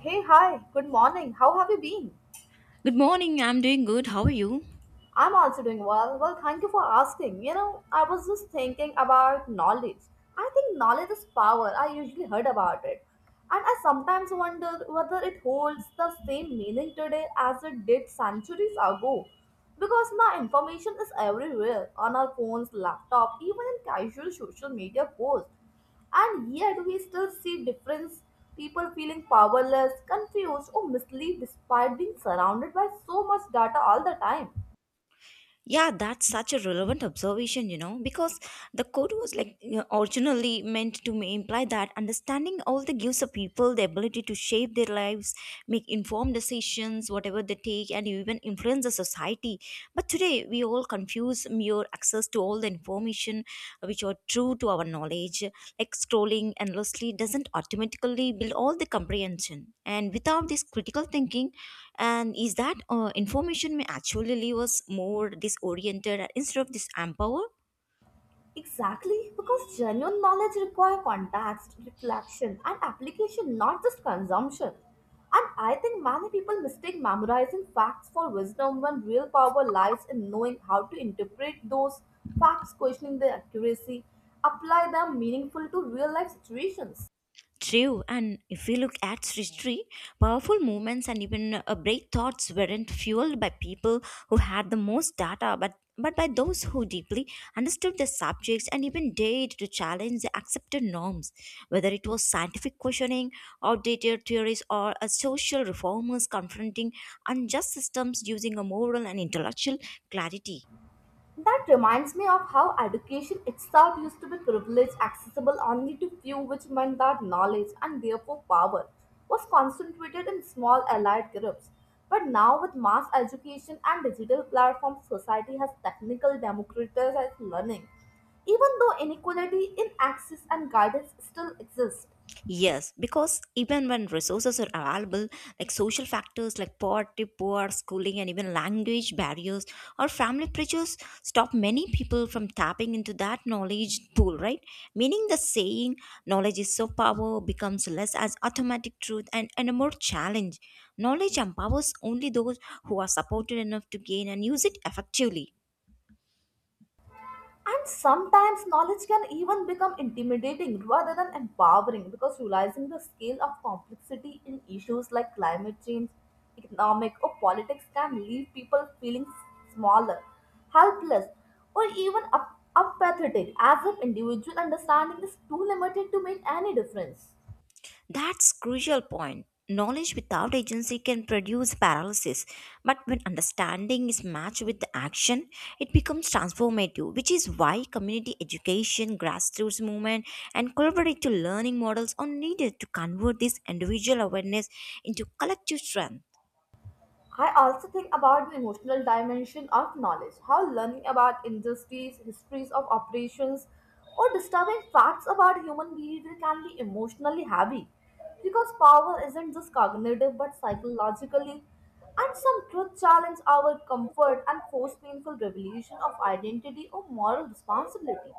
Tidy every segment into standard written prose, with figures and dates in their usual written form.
Hey, hi, good morning. How have you been? Good morning, I'm doing good. How are you? I'm also doing well. Well, thank you for asking. You know, I was just thinking about knowledge. I think knowledge is power. I usually heard about it. And I sometimes wonder whether it holds the same meaning today as it did centuries ago. Because now information is everywhere on our phones, laptop, even in casual social media posts. And yet we still see difference people feeling powerless, confused, or misled despite being surrounded by so much data all the time. Yeah, that's such a relevant observation, you know, because the code was like you know, originally meant to imply that understanding all the gives a people the ability to shape their lives, make informed decisions, whatever they take, and even influence the society. But today, we all confuse mere access to all the information which are true to our knowledge. Like scrolling endlessly doesn't automatically build all the comprehension. And without this critical thinking, and is that information may actually leave us more disoriented instead of this empowered Exactly, because genuine knowledge requires context, reflection, and application, not just consumption. And I think many people mistake memorizing facts for wisdom when real power lies in knowing how to interpret those facts, questioning their accuracy, apply them meaningful to real life situations. true. And if we look at history, powerful movements and even brave thoughts weren't fueled by people who had the most data but by those who deeply understood the subjects and even dared to challenge the accepted norms, whether it was scientific questioning outdated theories or a social reformers confronting unjust systems using a moral and intellectual clarity. That reminds me of how education itself used to be privilege accessible only to few, which meant that knowledge and therefore power was concentrated in small allied groups. But now, with mass education and digital platforms, society has technical democratized learning, even though inequality in access and guidance still exists. Yes, because even when resources are available, like social factors like poverty, poor schooling, and even language barriers or family pressures stop many people from tapping into that knowledge pool, right? Meaning the saying knowledge is so power becomes less as automatic truth and a more challenge. Knowledge empowers only those who are supported enough to gain and use it effectively. And sometimes knowledge can even become intimidating rather than empowering because realizing the scale of complexity in issues like climate change, economic, or politics can leave people feeling smaller, helpless, or even apathetic as if individual understanding is too limited to make any difference. That's crucial point. Knowledge without agency can produce paralysis, but when understanding is matched with the action, it becomes transformative, which is why community education, grassroots movement, and collaborative learning models are needed to convert this individual awareness into collective strength. I also think about the emotional dimension of knowledge, how learning about industries, histories of operations, or disturbing facts about human behavior can be emotionally heavy. Because power isn't just cognitive but psychologically, and some truth challenge our comfort and force painful revelation of identity or moral responsibility.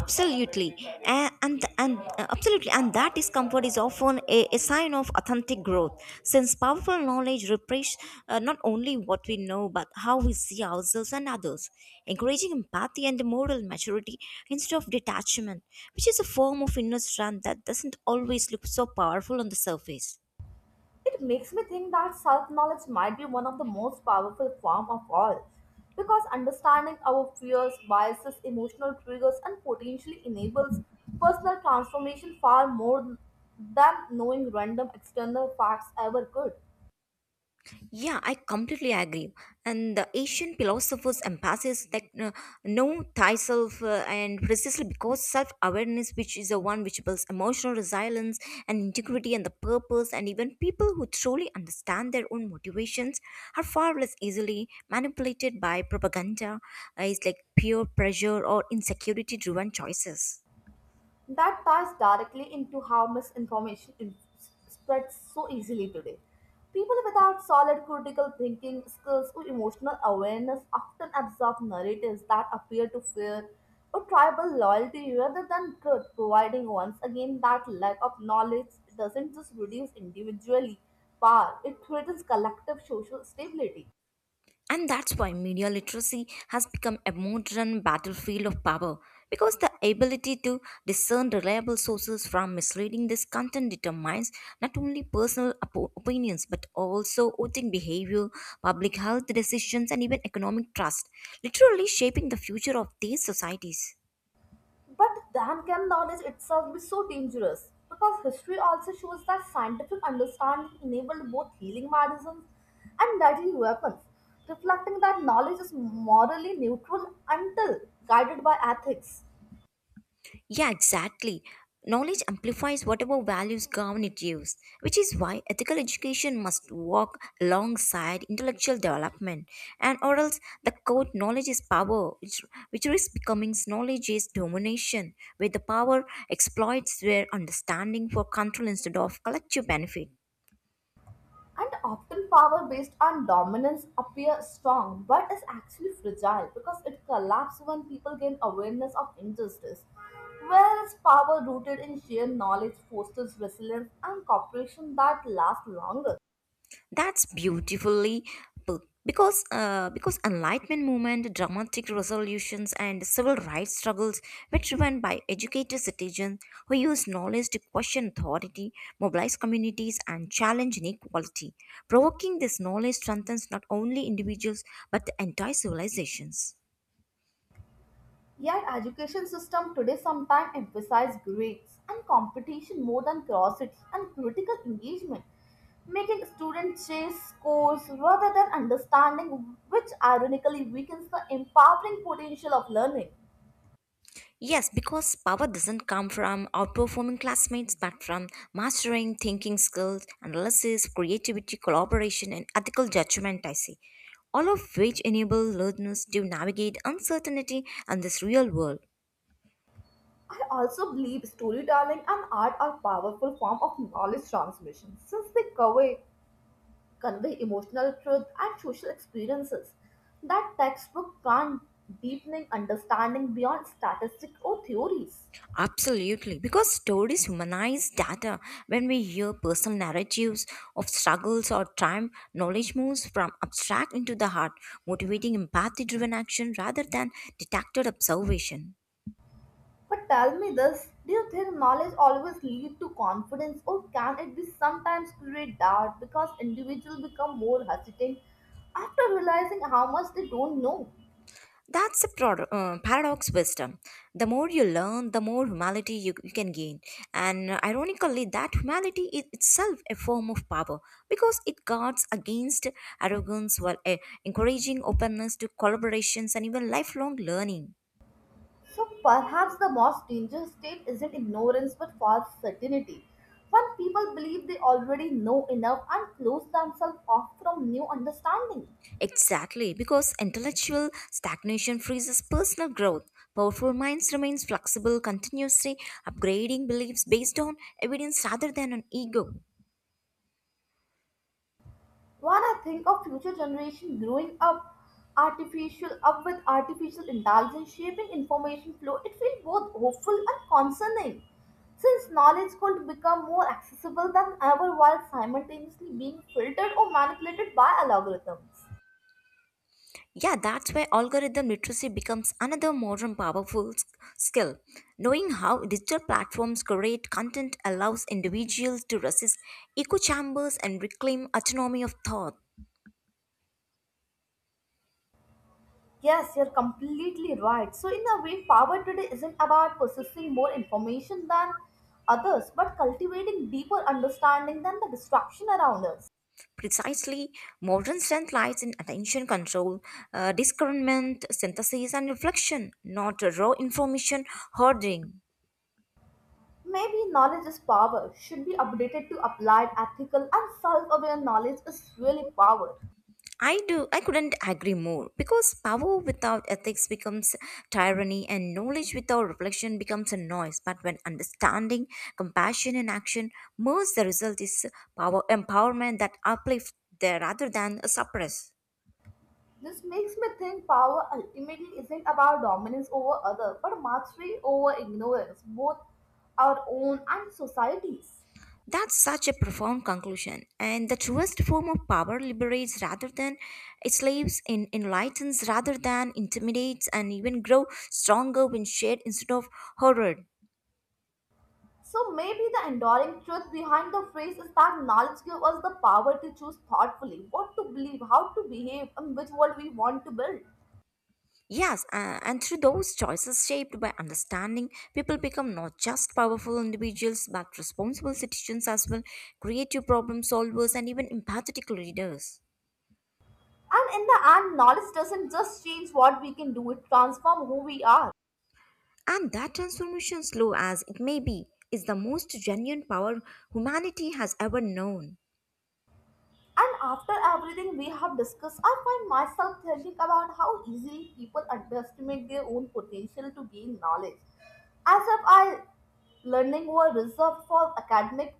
Absolutely, and absolutely. And that discomfort is often a sign of authentic growth, since powerful knowledge represents not only what we know but how we see ourselves and others, encouraging empathy and moral maturity instead of detachment, which is a form of inner strength that doesn't always look so powerful on the surface. It makes me think that self knowledge might be one of the most powerful form of all because understanding our fears, biases, emotional triggers and potentially enables personal transformation far more than knowing random external facts ever could. Yeah, I completely agree. And the Asian philosophers emphasize that know thyself, and precisely because self awareness, which is the one which builds emotional resilience and integrity and the purpose, and even people who truly understand their own motivations are far less easily manipulated by propaganda, is like peer pressure or insecurity driven choices. That ties directly into how misinformation spreads so easily today. People without solid critical thinking skills or emotional awareness often absorb narratives that appear to fear or tribal loyalty rather than truth, providing once again that lack of knowledge doesn't just reduce individually power, it threatens collective social stability. And that's why media literacy has become a modern battlefield of power, because the ability to discern reliable sources from misleading this content determines not only personal opinions but also voting behavior, public health decisions, and even economic trust, literally shaping the future of these societies. But then can knowledge itself be so dangerous? Because history also shows that scientific understanding enabled both healing medicines and deadly weapons, reflecting that knowledge is morally neutral until guided by ethics. Yeah, exactly. Knowledge amplifies whatever values government use, which is why ethical education must walk alongside intellectual development, and or else the quote knowledge is power, which risks becoming knowledge is domination, where the power exploits their understanding for control instead of collective benefit. And often power based on dominance appear strong but is actually fragile because it collapses when people gain awareness of injustice. Whereas power rooted in sheer knowledge fosters resilience and cooperation that lasts longer. That's beautifully put, because enlightenment movement, dramatic resolutions, and civil rights struggles were driven by educated citizens who used knowledge to question authority, mobilize communities, and challenge inequality. Provoking this knowledge strengthens not only individuals but the entire civilizations. Yet education system today sometimes emphasize grades and competition more than curiosity and critical engagement, making students chase scores rather than understanding, which ironically weakens the empowering potential of learning. Yes, because power doesn't come from outperforming classmates, but from mastering thinking skills, analysis, creativity, collaboration, and ethical judgment, I say. All of which enable learners to navigate uncertainty and this real world. I also believe storytelling and art are powerful form of knowledge transmission since they convey emotional truth and social experiences that textbook can't deepening understanding beyond statistics or theories. Absolutely, because stories humanize data. When we hear personal narratives of struggles or triumph, knowledge moves from abstract into the heart, motivating empathy driven action rather than detached observation. But tell me this, do you think knowledge always lead to confidence, or can it be sometimes create doubt because individuals become more hesitant after realizing how much they don't know? That's the paradox wisdom. The more you learn, the more humanity you can gain. And ironically, that humanity is itself a form of power because it guards against arrogance while encouraging openness to collaborations and even lifelong learning. So perhaps the most dangerous state isn't ignorance but false certainty. When people believe they already know enough and close themselves off from new understanding. Exactly, because intellectual stagnation freezes personal growth. Powerful minds remain flexible, continuously upgrading beliefs based on evidence rather than on ego. When I think of future generation growing up artificial up with artificial intelligence shaping information flow, it feels both hopeful and concerning. Since knowledge could become more accessible than ever while simultaneously being filtered or manipulated by algorithms. Yeah, that's where algorithm literacy becomes another modern powerful skill. Knowing how digital platforms curate content allows individuals to resist echo chambers and reclaim autonomy of thought. Yes, you're completely right. So, in a way, power today isn't about possessing more information than others, but cultivating deeper understanding than the distraction around us. Precisely, modern strength lies in attention control, discernment, synthesis, and reflection, not raw information hoarding. Maybe knowledge is power should be updated to applied, ethical, and self aware knowledge is really power. I do. I couldn't agree more because power without ethics becomes tyranny and knowledge without reflection becomes a noise. But when understanding, compassion, and action merge, the result is power empowerment that uplifts there rather than suppress. This makes me think power ultimately isn't about dominance over other, but mastery over ignorance, both our own and society's. That's such a profound conclusion. And the truest form of power liberates rather than enslaves, in enlightens rather than intimidates, and even grow stronger when shared instead of horrored. So maybe the enduring truth behind the phrase is that knowledge gives us the power to choose thoughtfully what to believe, how to behave, and which world we want to build. Yes, and through those choices shaped by understanding, people become not just powerful individuals but responsible citizens as well, creative problem solvers, and even empathetic leaders. And in the end, knowledge doesn't just change what we can do, it transforms who we are. And that transformation, slow as it may be, is the most genuine power humanity has ever known. And after everything we have discussed, I find myself thinking about how easily people underestimate their own potential to gain knowledge. As if I Learning were reserved for academic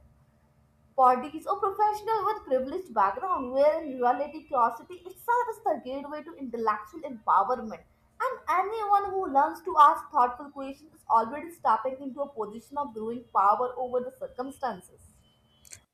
bodies or professionals with privileged background, where in reality curiosity itself is the gateway to intellectual empowerment. And anyone who learns to ask thoughtful questions is already stepping into a position of growing power over the circumstances.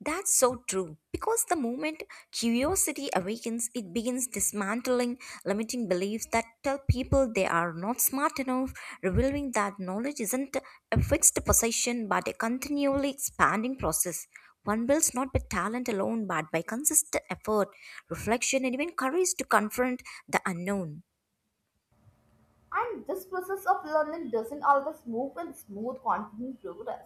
That's so true. Because the moment curiosity awakens, it begins dismantling limiting beliefs that tell people they are not smart enough, revealing that knowledge isn't a fixed possession but a continually expanding process. One builds not by talent alone but by consistent effort, reflection, and even courage to confront the unknown. And this process of learning doesn't always move in smooth, confident progress.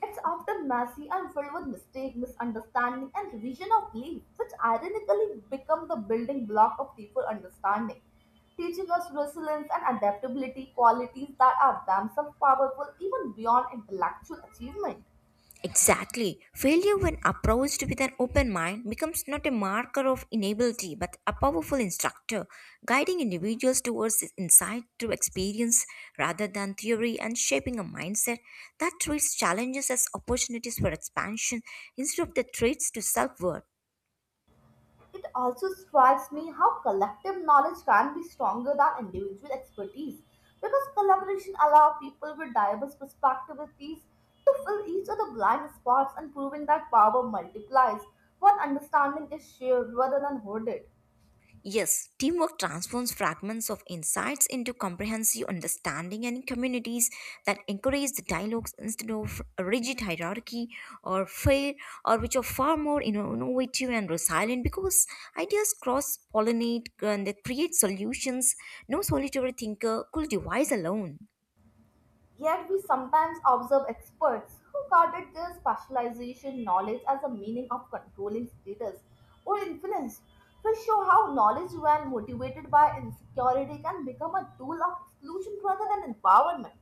It's often messy and filled with mistake, misunderstanding, and revision of belief, which ironically become the building block of deeper understanding, teaching us resilience and adaptability, qualities that are themselves powerful even beyond intellectual achievement. Exactly. Failure, when approached with an open mind, becomes not a marker of inability but a powerful instructor, guiding individuals towards insight through experience rather than theory and shaping a mindset that treats challenges as opportunities for expansion instead of the threats to self worth. It also strikes me how collective knowledge can be stronger than individual expertise because collaboration allows people with diverse perspectives to fill each other's blind spots and proving that power multiplies when understanding is shared rather than hoarded. Yes, teamwork transforms fragments of insights into comprehensive understanding and in communities that encourage the dialogues instead of a rigid hierarchy or fair or which are far more you know, innovative and resilient because ideas cross pollinate and they create solutions no solitary thinker could devise alone. Yet we sometimes observe experts who carded their specialization knowledge as a meaning of controlling status or influence, which show how knowledge when motivated by insecurity can become a tool of exclusion rather than empowerment.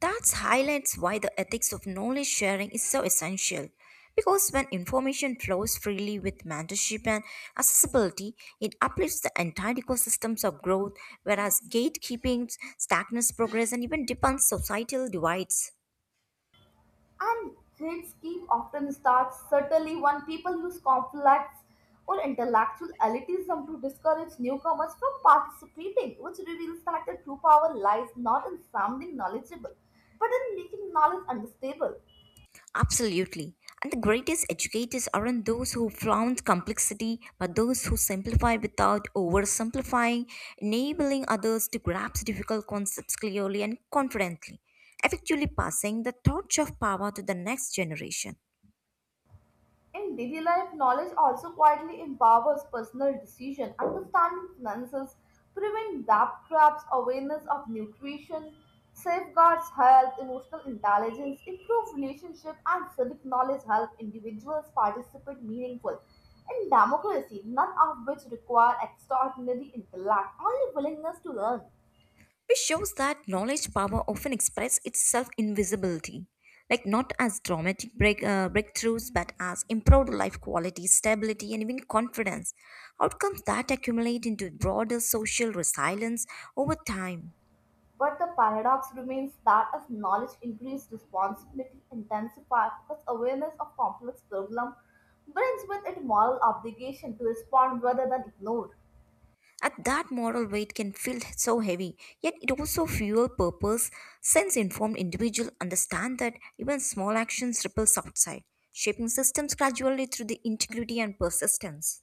That highlights why the ethics of knowledge sharing is so essential. Because when information flows freely with mentorship and accessibility, it uplifts the entire ecosystems of growth, whereas gatekeeping stagnates progress and even deepens societal divides. And great scheme often starts subtly when people use conflicts or intellectual elitism to discourage newcomers from participating, which reveals that the true power lies not in sounding knowledgeable, but in making knowledge understable. Absolutely. And the greatest educators aren't those who flaunt complexity, but those who simplify without oversimplifying, enabling others to grasp difficult concepts clearly and confidently, effectively passing the torch of power to the next generation. In daily life, knowledge also quietly empowers personal decision, understanding finances, prevent debt traps, awareness of nutrition, safeguards health, emotional intelligence, improve relationship, and civic knowledge help individuals participate meaningful in democracy, none of which require extraordinary intellect, only willingness to learn. Which shows that knowledge power often expresses itself in visibility, like not as dramatic breakthroughs, but as improved life quality, stability, and even confidence. Outcomes that accumulate into broader social resilience over time. But the paradox remains that as knowledge increases, responsibility intensifies because awareness of complex problem brings with it moral obligation to respond rather than ignore. At that moral weight can feel so heavy, yet it also fuel purpose. Since informed individual understand that even small actions ripples outside, shaping systems gradually through the integrity and persistence.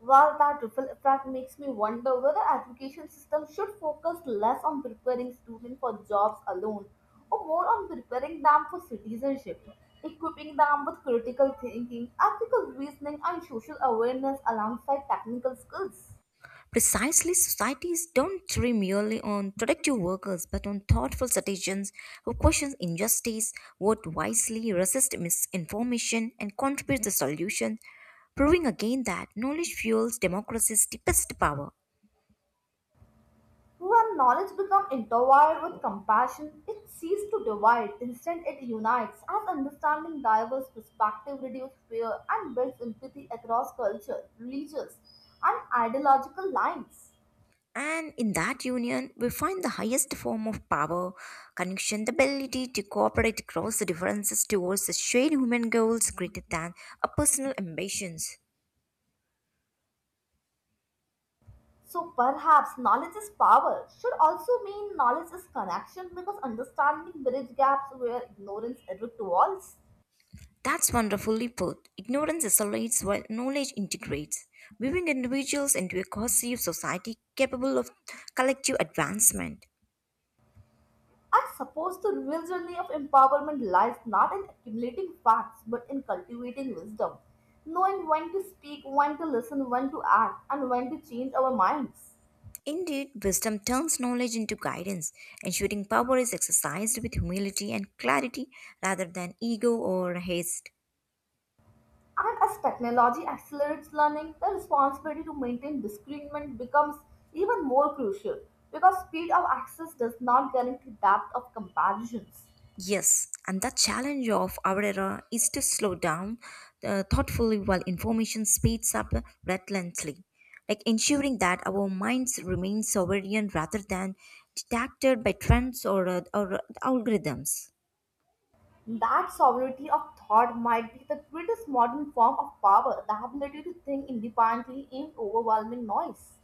While that ripple effect makes me wonder whether education system should focus less on preparing students for jobs alone or more on preparing them for citizenship, equipping them with critical thinking, ethical reasoning and social awareness alongside technical skills. Precisely, societies don't rely merely on productive workers but on thoughtful citizens who question injustice, vote wisely, resist misinformation, and contribute to solutions, proving again that knowledge fuels democracy's deepest power. When knowledge becomes intertwined with compassion, it ceases to divide. Instead, it unites. As understanding diverse perspectives reduces fear and builds empathy across culture, religious, and ideological lines. And in that union, we find the highest form of power, connection, the ability to cooperate across the differences towards the shared human goals greater than our personal ambitions. So perhaps knowledge is power should also mean knowledge is connection because understanding bridge gaps where ignorance erects walls. That's wonderfully put. Ignorance isolates while knowledge integrates, weaving individuals into a cohesive society capable of collective advancement. I suppose the real journey of empowerment lies not in accumulating facts but in cultivating wisdom, knowing when to speak, when to listen, when to act, and when to change our minds. Indeed, wisdom turns knowledge into guidance, ensuring power is exercised with humility and clarity rather than ego or haste. And as technology accelerates learning, the responsibility to maintain discernment becomes even more crucial because speed of access does not guarantee depth of comparisons. Yes, and the challenge of our era is to slow down thoughtfully while information speeds up relentlessly, like ensuring that our minds remain sovereign rather than distracted by trends or algorithms. That sovereignty of thought might be the greatest modern form of power, the ability to think independently in overwhelming noise.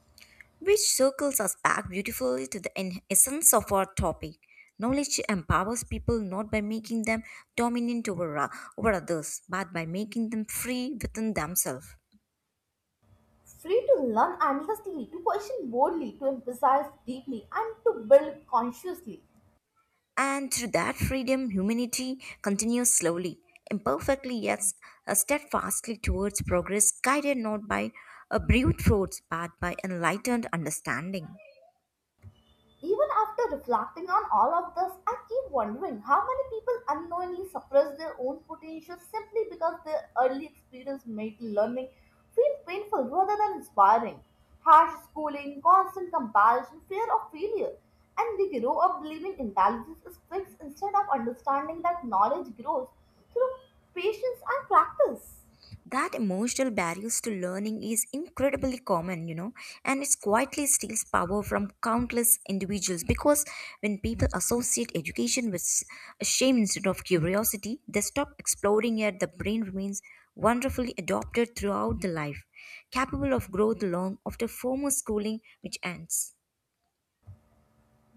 Which circles us back beautifully to the essence of our topic. Knowledge empowers people not by making them dominant over others, but by making them free within themselves. Free to learn endlessly, to question boldly, to emphasize deeply, and to build consciously. And through that freedom, humanity continues slowly, imperfectly yet steadfastly towards progress, guided not by a brute force but by enlightened understanding. Even after reflecting on all of this, I keep wondering how many people unknowingly suppress their own potential simply because their early experience made learning feel painful rather than inspiring. Harsh schooling, constant comparison, fear of failure, and they grow up believing intelligence is fixed instead of understanding that knowledge grows through patience and practice. That emotional barriers to learning is incredibly common, you know, and it quietly steals power from countless individuals because when people associate education with shame instead of curiosity they stop exploring, yet the brain remains wonderfully adopted throughout the life, capable of growth long after formal schooling which ends.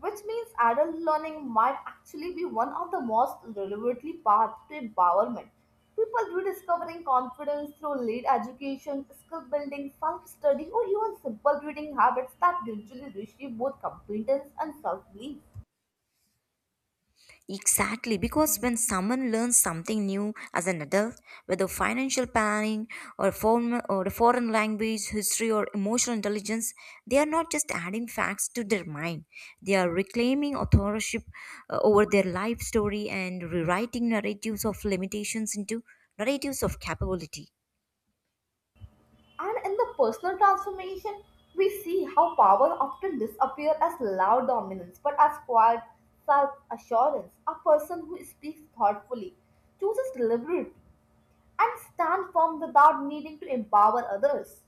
Which means adult learning might actually be one of the most relevantly paths to empowerment. People rediscovering confidence through late education, skill building, self-study, or even simple reading habits that gradually reshape both competence and self-belief. Exactly, because when someone learns something new as an adult, whether financial planning or a foreign language, history, or emotional intelligence, they are not just adding facts to their mind. They are reclaiming authorship over their life story and rewriting narratives of limitations into narratives of capability. And in the personal transformation, we see how power often disappears as loud dominance, but as quiet self-assurance. A person who speaks thoughtfully, chooses deliberately, and stand firm without needing to empower others.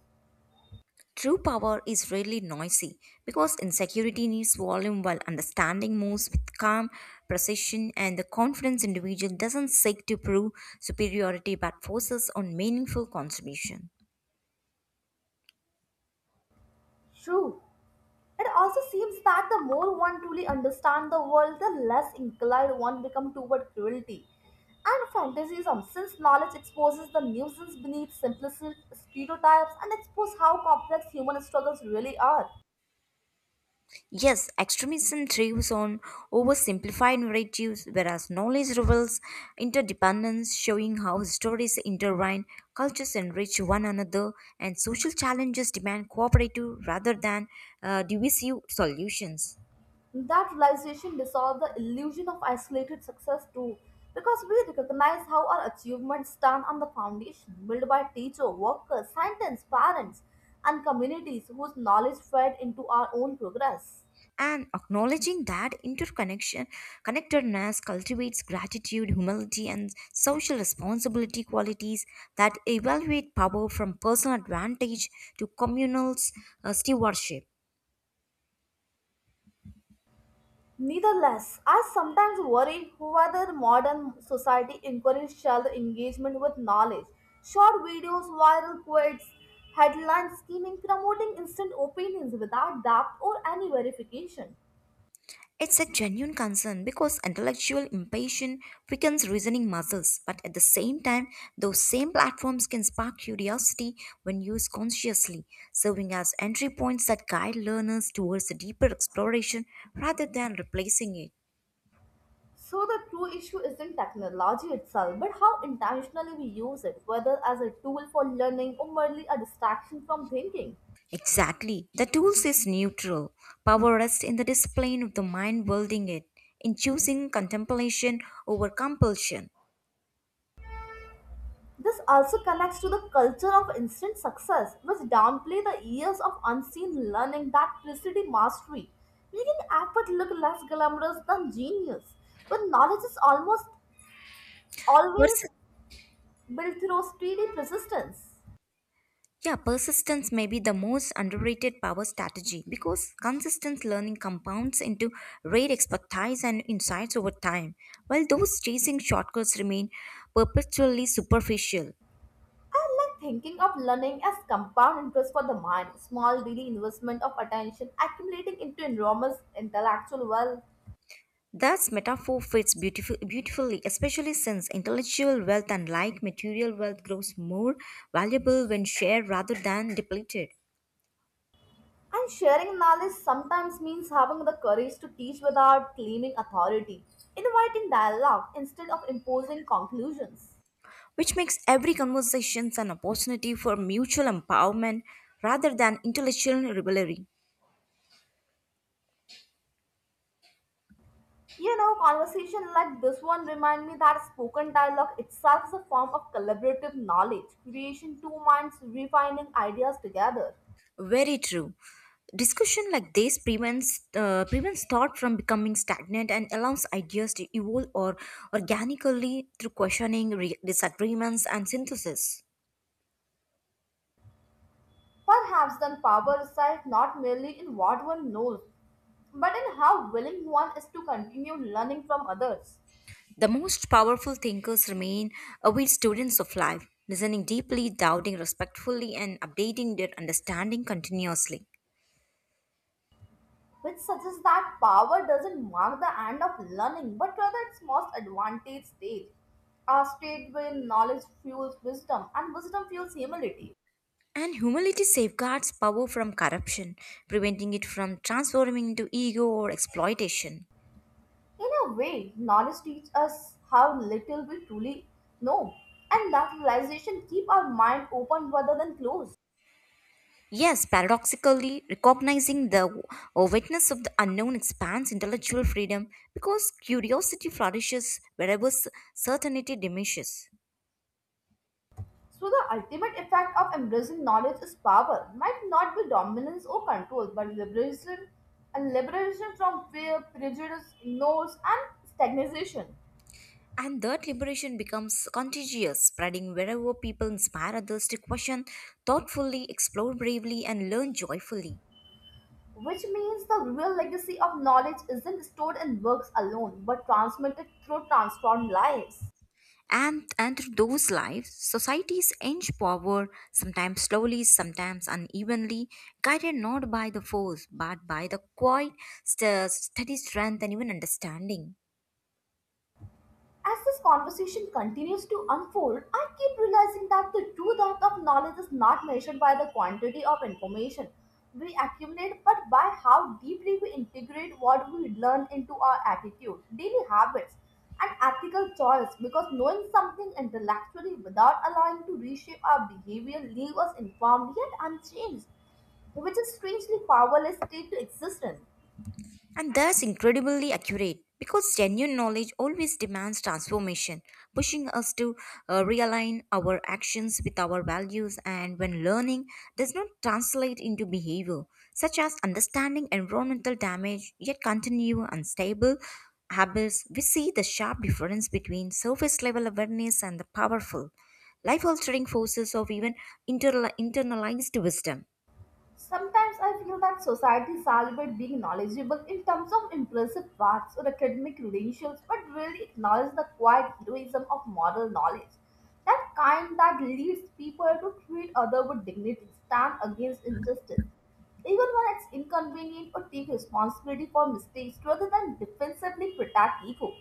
True power is rarely noisy because insecurity needs volume while understanding moves with calm, precision, and the confidence individual doesn't seek to prove superiority but focuses on meaningful contribution. True. It also seems that the more one truly understands the world, the less inclined one becomes toward cruelty and fantasism, since knowledge exposes the nuisance beneath simplistic stereotypes and exposes how complex human struggles really are. Yes, extremism thrives on oversimplified narratives, whereas knowledge reveals interdependence, showing how stories intertwine, cultures enrich one another, and social challenges demand cooperative rather than divisive solutions. That realization dissolves the illusion of isolated success too, because we recognize how our achievements stand on the foundation built by teacher, workers, scientists, parents, and communities whose knowledge fed into our own progress. And acknowledging that interconnection connectedness cultivates gratitude humility and social responsibility qualities that evaluate power from personal advantage to communal stewardship. Nevertheless, I sometimes worry whether modern society encourages shallow engagement with knowledge, short videos, viral quotes, headline scheming, promoting instant opinions without depth or any verification. It's a genuine concern because intellectual impatience weakens reasoning muscles, but at the same time those same platforms can spark curiosity when used consciously, serving as entry points that guide learners towards a deeper exploration rather than replacing it. So the true issue isn't technology itself, but how intentionally we use it, whether as a tool for learning or merely a distraction from thinking. Exactly. The tools is neutral. Power rests in the discipline of the mind building it, in choosing contemplation over compulsion. This also connects to the culture of instant success, which downplay the years of unseen learning that preceded mastery, making effort look less glamorous than genius, when knowledge is almost always Pers- built through steady persistence. yeah, persistence may be the most underrated power strategy because consistent learning compounds into great expertise and insights over time, while those chasing shortcuts remain perpetually superficial. I like thinking of learning as compound interest for the mind, small daily investment of attention accumulating into enormous intellectual wealth. That metaphor fits beautifully, especially since intellectual wealth, unlike material wealth, grows more valuable when shared rather than depleted, And sharing knowledge sometimes means having the courage to teach without claiming authority, inviting dialogue instead of imposing conclusions. which makes every conversation an opportunity for mutual empowerment rather than intellectual rivalry. Conversation like this one remind me that spoken dialogue itself is a form of collaborative knowledge, creation two minds refining ideas together. Very true. Discussion like this prevents prevents thought from becoming stagnant and allows ideas to evolve or organically through questioning, disagreements, and synthesis. Perhaps then power resides not merely in what one knows, but in how willing one is to continue learning from others, The most powerful thinkers remain aware students of life, listening deeply, doubting respectfully, and updating their understanding continuously. which suggests that power doesn't mark the end of learning, but rather its most advantage stage, a state where knowledge fuels wisdom and wisdom fuels humility. And humility safeguards power from corruption, preventing it from transforming into ego or exploitation. In a way, knowledge teaches us how little we truly know, and that realization keeps our mind open rather than closed. Yes, paradoxically, recognizing the awareness of the unknown expands intellectual freedom because curiosity flourishes wherever certainty diminishes. So the ultimate effect of embracing knowledge is power. Might not be dominance or control, but liberation and liberation from fear, prejudice, ignorance, and stagnation. And that liberation becomes contagious, spreading wherever people inspire others to question thoughtfully, explore bravely, and learn joyfully. Which means the real legacy of knowledge isn't stored in books alone, but transmitted through transformed lives. And through those lives, societies inch forward, sometimes slowly, sometimes unevenly, guided not by the force, but by the quiet, steady strength, and even understanding. As this conversation continues to unfold, I keep realizing that the true depth of knowledge is not measured by the quantity of information we accumulate, but by how deeply we integrate what we learn into our attitude, daily habits, and ethical choice. Because knowing something intellectually without allowing to reshape our behavior leaves us informed yet unchanged, which is strangely powerless state to existence. And thus, incredibly accurate because genuine knowledge always demands transformation, pushing us to realign our actions with our values. And when learning does not translate into behavior, such as understanding environmental damage yet continue unstable habits, we see the sharp difference between surface level awareness and the powerful, life altering forces of even internalized wisdom. Sometimes I feel that society celebrates being knowledgeable in terms of impressive facts or academic credentials, but really acknowledge the quiet heroism of moral knowledge. That kind that leads people to treat others with dignity, stand against injustice, even when it's inconvenient, or take responsibility for mistakes rather than defensively protect ego.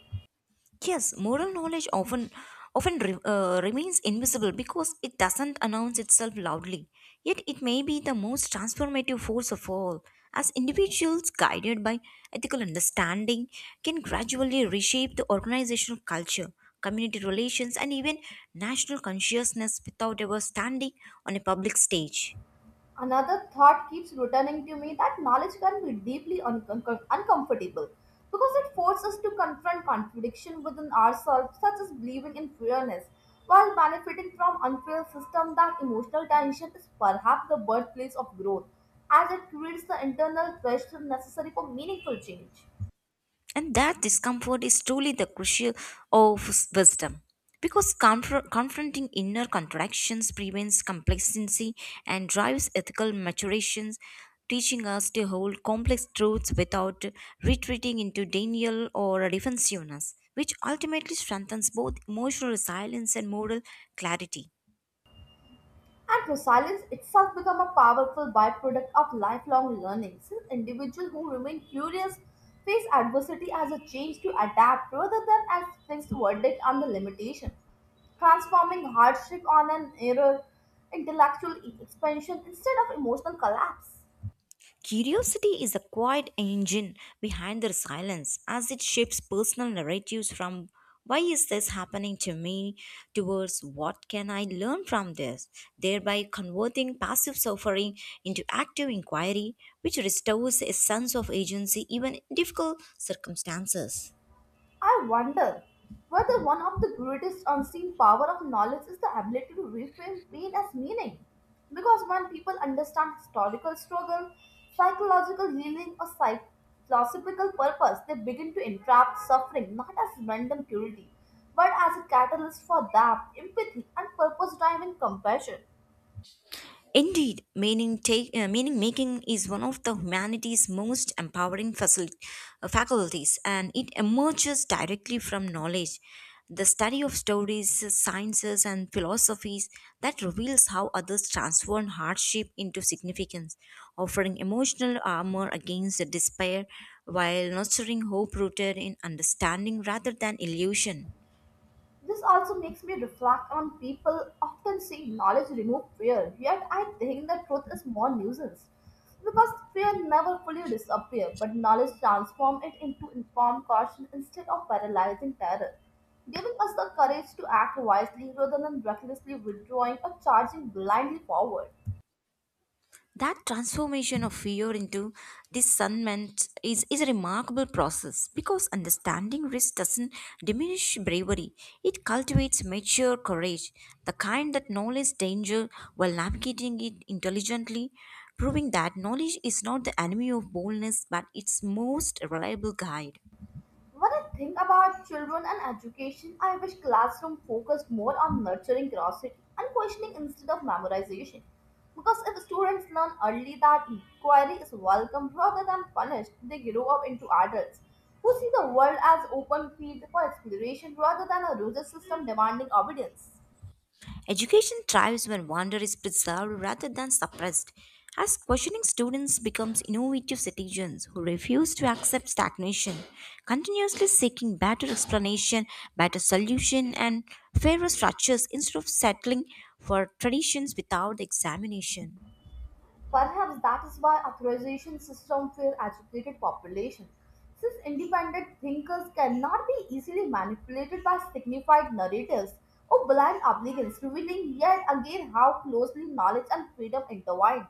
Yes, moral knowledge often remains invisible because it doesn't announce itself loudly. Yet it may be the most transformative force of all. As individuals guided by ethical understanding can gradually reshape the organizational culture, community relations and even national consciousness without ever standing on a public stage. Another thought keeps returning to me that knowledge can be deeply uncomfortable because it forces us to confront contradiction within ourselves, such as believing in fairness while benefiting from unfair system. That emotional tension is perhaps the birthplace of growth, as it creates the internal pressure necessary for meaningful change. And that discomfort is truly the crucial of wisdom. Because confronting inner contradictions prevents complacency and drives ethical maturations, teaching us to hold complex truths without retreating into denial or defensiveness, which ultimately strengthens both emotional resilience and moral clarity. And resilience itself becomes a powerful byproduct of lifelong learning, since individuals who remain curious face adversity as a chance to adapt rather than as fixed verdict on the limitation, transforming hardship on an error, intellectual expansion instead of emotional collapse. Curiosity is the quiet engine behind their silence as it shapes personal narratives from why is this happening to me towards what can I learn from this, thereby converting passive suffering into active inquiry, which restores a sense of agency even in difficult circumstances. I wonder whether one of the greatest unseen power of knowledge is the ability to reframe pain as meaning. Because when people understand historical struggle, psychological healing, or philosophical purpose, they begin to interpret suffering not as random cruelty, but as a catalyst for depth, empathy, and purpose-driven compassion. Indeed, meaning making is one of the humanity's most empowering faculties, and it emerges directly from knowledge. The study of stories, sciences, and philosophies that reveals how others transform hardship into significance, offering emotional armor against despair while nurturing hope rooted in understanding rather than illusion. This also makes me reflect on people often saying knowledge removes fear, yet I think the truth is more nuisance. Because fear never fully disappears, but knowledge transforms it into informed caution instead of paralyzing terror, giving us the courage to act wisely rather than recklessly withdrawing or charging blindly forward. That transformation of fear into discernment is a remarkable process because understanding risk doesn't diminish bravery. It cultivates mature courage, the kind that knows danger while navigating it intelligently, proving that knowledge is not the enemy of boldness but its most reliable guide. When I think about children and education, I wish classroom focused more on nurturing curiosity and questioning instead of memorization. Because if students learn early that inquiry is welcome rather than punished, they grow up into adults who see the world as open field for exploration rather than a rigid system demanding obedience. Education thrives when wonder is preserved rather than suppressed. As questioning students becomes innovative citizens who refuse to accept stagnation, continuously seeking better explanation, better solution, and fairer structures instead of settling for traditions without examination. Perhaps that is why authorization system fail educated population, since independent thinkers cannot be easily manipulated by signified narratives or blind obedience, revealing yet again how closely knowledge and freedom intertwine.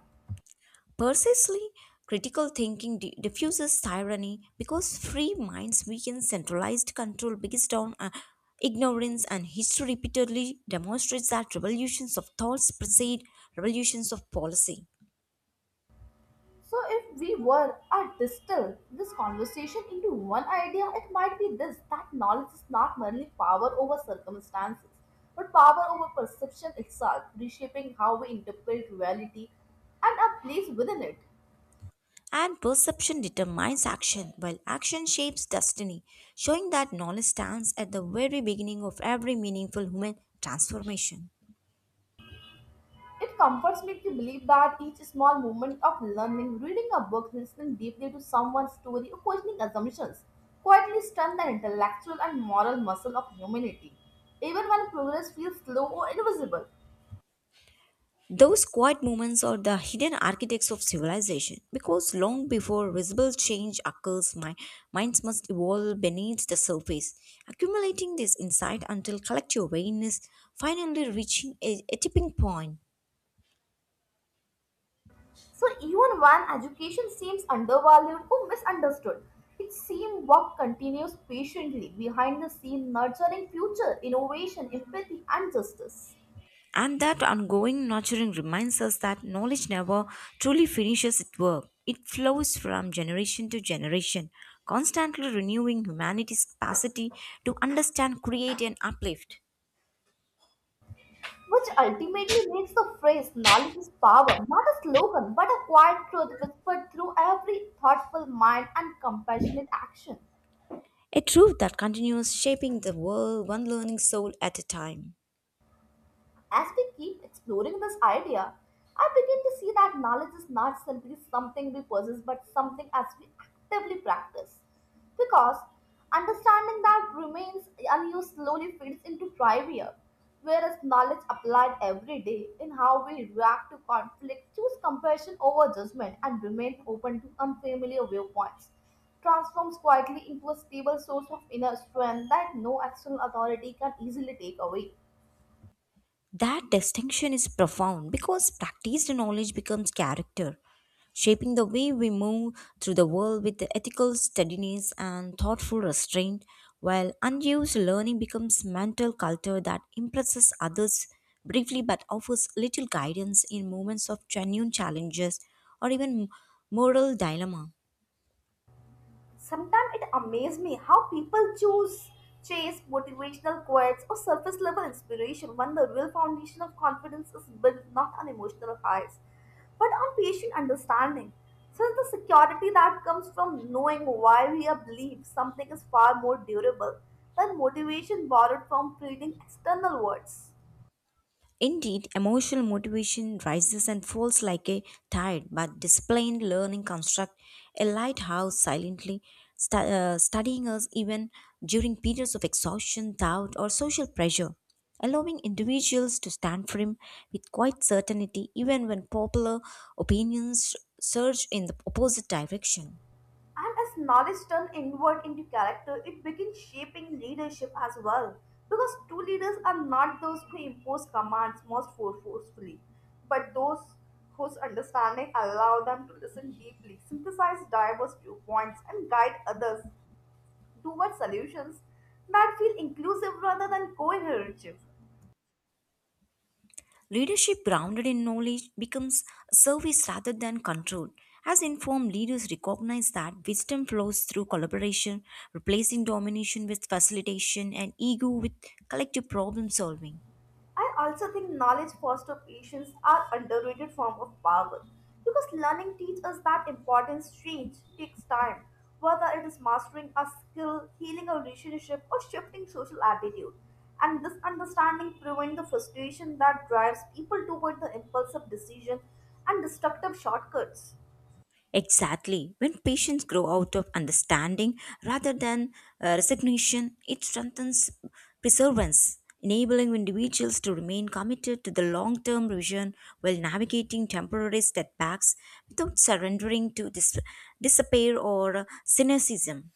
Precisely, critical thinking diffuses tyranny because free minds weaken centralized control based on ignorance, and history repeatedly demonstrates that revolutions of thoughts precede revolutions of policy. So if we were to distill this conversation into one idea, it might be this that knowledge is not merely power over circumstances, but power over perception itself, reshaping how we interpret reality and our place within it. And perception determines action, while action shapes destiny, showing that knowledge stands at the very beginning of every meaningful human transformation. It comforts me to believe that each small moment of learning, reading a book, listening deeply to someone's story, or questioning assumptions, quietly strengthen the intellectual and moral muscle of humanity, even when progress feels slow or invisible. Those quiet moments are the hidden architects of civilization because long before visible change occurs, my minds must evolve beneath the surface, accumulating this insight until collective awareness finally reaching a tipping point. So, even when education seems undervalued or misunderstood, its same work continues patiently behind the scene, nurturing future innovation, empathy, and justice, And that ongoing nurturing reminds us that knowledge never truly finishes its work. It flows from generation to generation, constantly renewing humanity's capacity to understand, create, and uplift. which ultimately makes the phrase knowledge is power not a slogan but a quiet truth whispered through every thoughtful mind and compassionate action. A truth that continues shaping the world one learning soul at a time. As we keep exploring this idea, I begin to see that knowledge is not simply something we possess but something as we actively practice. Because understanding that remains unused slowly fades into trivia, whereas knowledge applied every day in how we react to conflict, choose compassion over judgment, and remain open to unfamiliar viewpoints transforms quietly into a stable source of inner strength that no external authority can easily take away. That distinction is profound because practiced knowledge becomes character, shaping the way we move through the world with ethical steadiness and thoughtful restraint, while unused learning becomes mental culture that impresses others briefly but offers little guidance in moments of genuine challenges or even moral dilemma. Sometimes it amazes me how people choose chase motivational quotes or surface level inspiration when the real foundation of confidence is built not on emotional highs but on patient understanding. Since the security that comes from knowing why we are believe something is far more durable than motivation borrowed from fleeting external words. Indeed, emotional motivation rises and falls like a tide, but disciplined learning construct a lighthouse silently, studying us even during periods of exhaustion, doubt, or social pressure, allowing individuals to stand firm with quiet certainty even when popular opinions surge in the opposite direction. And as knowledge turns inward into character, it begins shaping leadership as well. Because true leaders are not those who impose commands most forcefully, but those whose understanding allow them to listen deeply, synthesize diverse viewpoints, and guide others towards solutions that feel inclusive rather than coercive. Leadership grounded in knowledge becomes service rather than control. As informed leaders recognize that wisdom flows through collaboration, replacing domination with facilitation and ego with collective problem solving. I also think knowledge foster patience are underrated form of power because learning teaches us that importance change takes time, whether it is mastering a skill, healing a relationship, or shifting social attitude. And this understanding prevents the frustration that drives people toward the impulsive decision and destructive shortcuts. Exactly. When patients grow out of understanding rather than resignation, it strengthens perseverance, enabling individuals to remain committed to the long term vision while navigating temporary setbacks without surrendering to despair or cynicism.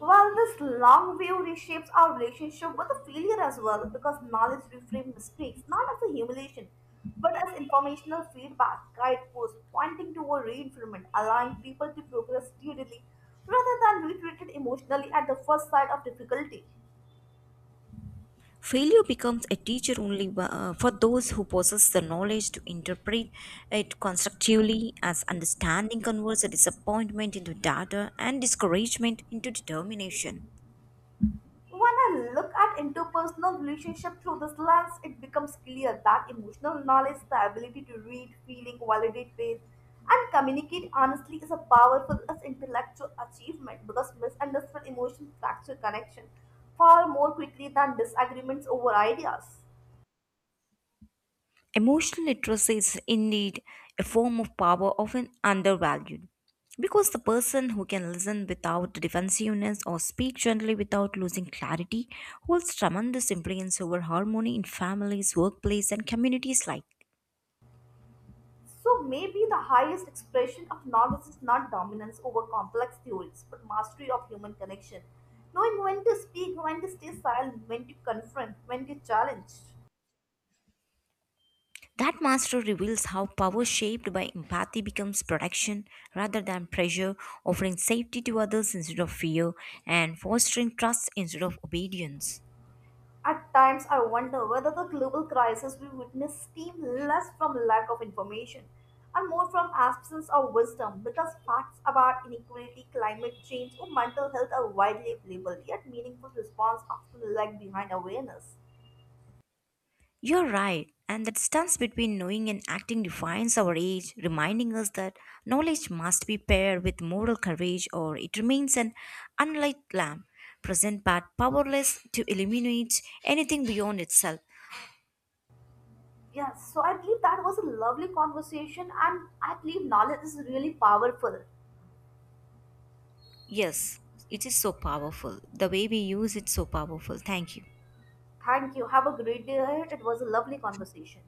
Well, this long view reshapes our relationship with the failure as well because knowledge reframes mistakes not as a humiliation but as informational feedback, guideposts pointing toward reinforcement, allowing people to progress steadily rather than be treated emotionally at the first sight of difficulty. Failure becomes a teacher only for those who possess the knowledge to interpret it constructively, as understanding converts a disappointment into data and discouragement into determination. When I look at interpersonal relationship through this lens, it becomes clear that emotional knowledge, the ability to read, feeling, validate faith, and communicate honestly is a powerful as intellectual achievement because misunderstood emotions fracture connection far more quickly than disagreements over ideas. Emotional literacy is indeed a form of power often undervalued because the person who can listen without defensiveness or speak gently without losing clarity holds tremendous influence over harmony in families, workplace, and communities alike. So maybe the highest expression of knowledge is not dominance over complex theories, but mastery of human connection. Knowing when to speak, when to stay silent, when to confront, when to challenge. That master reveals how power shaped by empathy becomes protection rather than pressure, offering safety to others instead of fear, and fostering trust instead of obedience. At times, I wonder whether the global crisis we witness stem less from lack of information and more from absence of wisdom because facts about inequality, climate change, or mental health are widely available, yet meaningful response often lag behind awareness. You're right, and that stance between knowing and acting defines our age, reminding us that knowledge must be paired with moral courage or it remains an unlit lamp, present but powerless to illuminate anything beyond itself. Yes, so I believe that was a lovely conversation, and I believe knowledge is really powerful. Yes, it is so powerful. The way we use it so powerful. Thank you. Thank you. Have a great day ahead. It was a lovely conversation.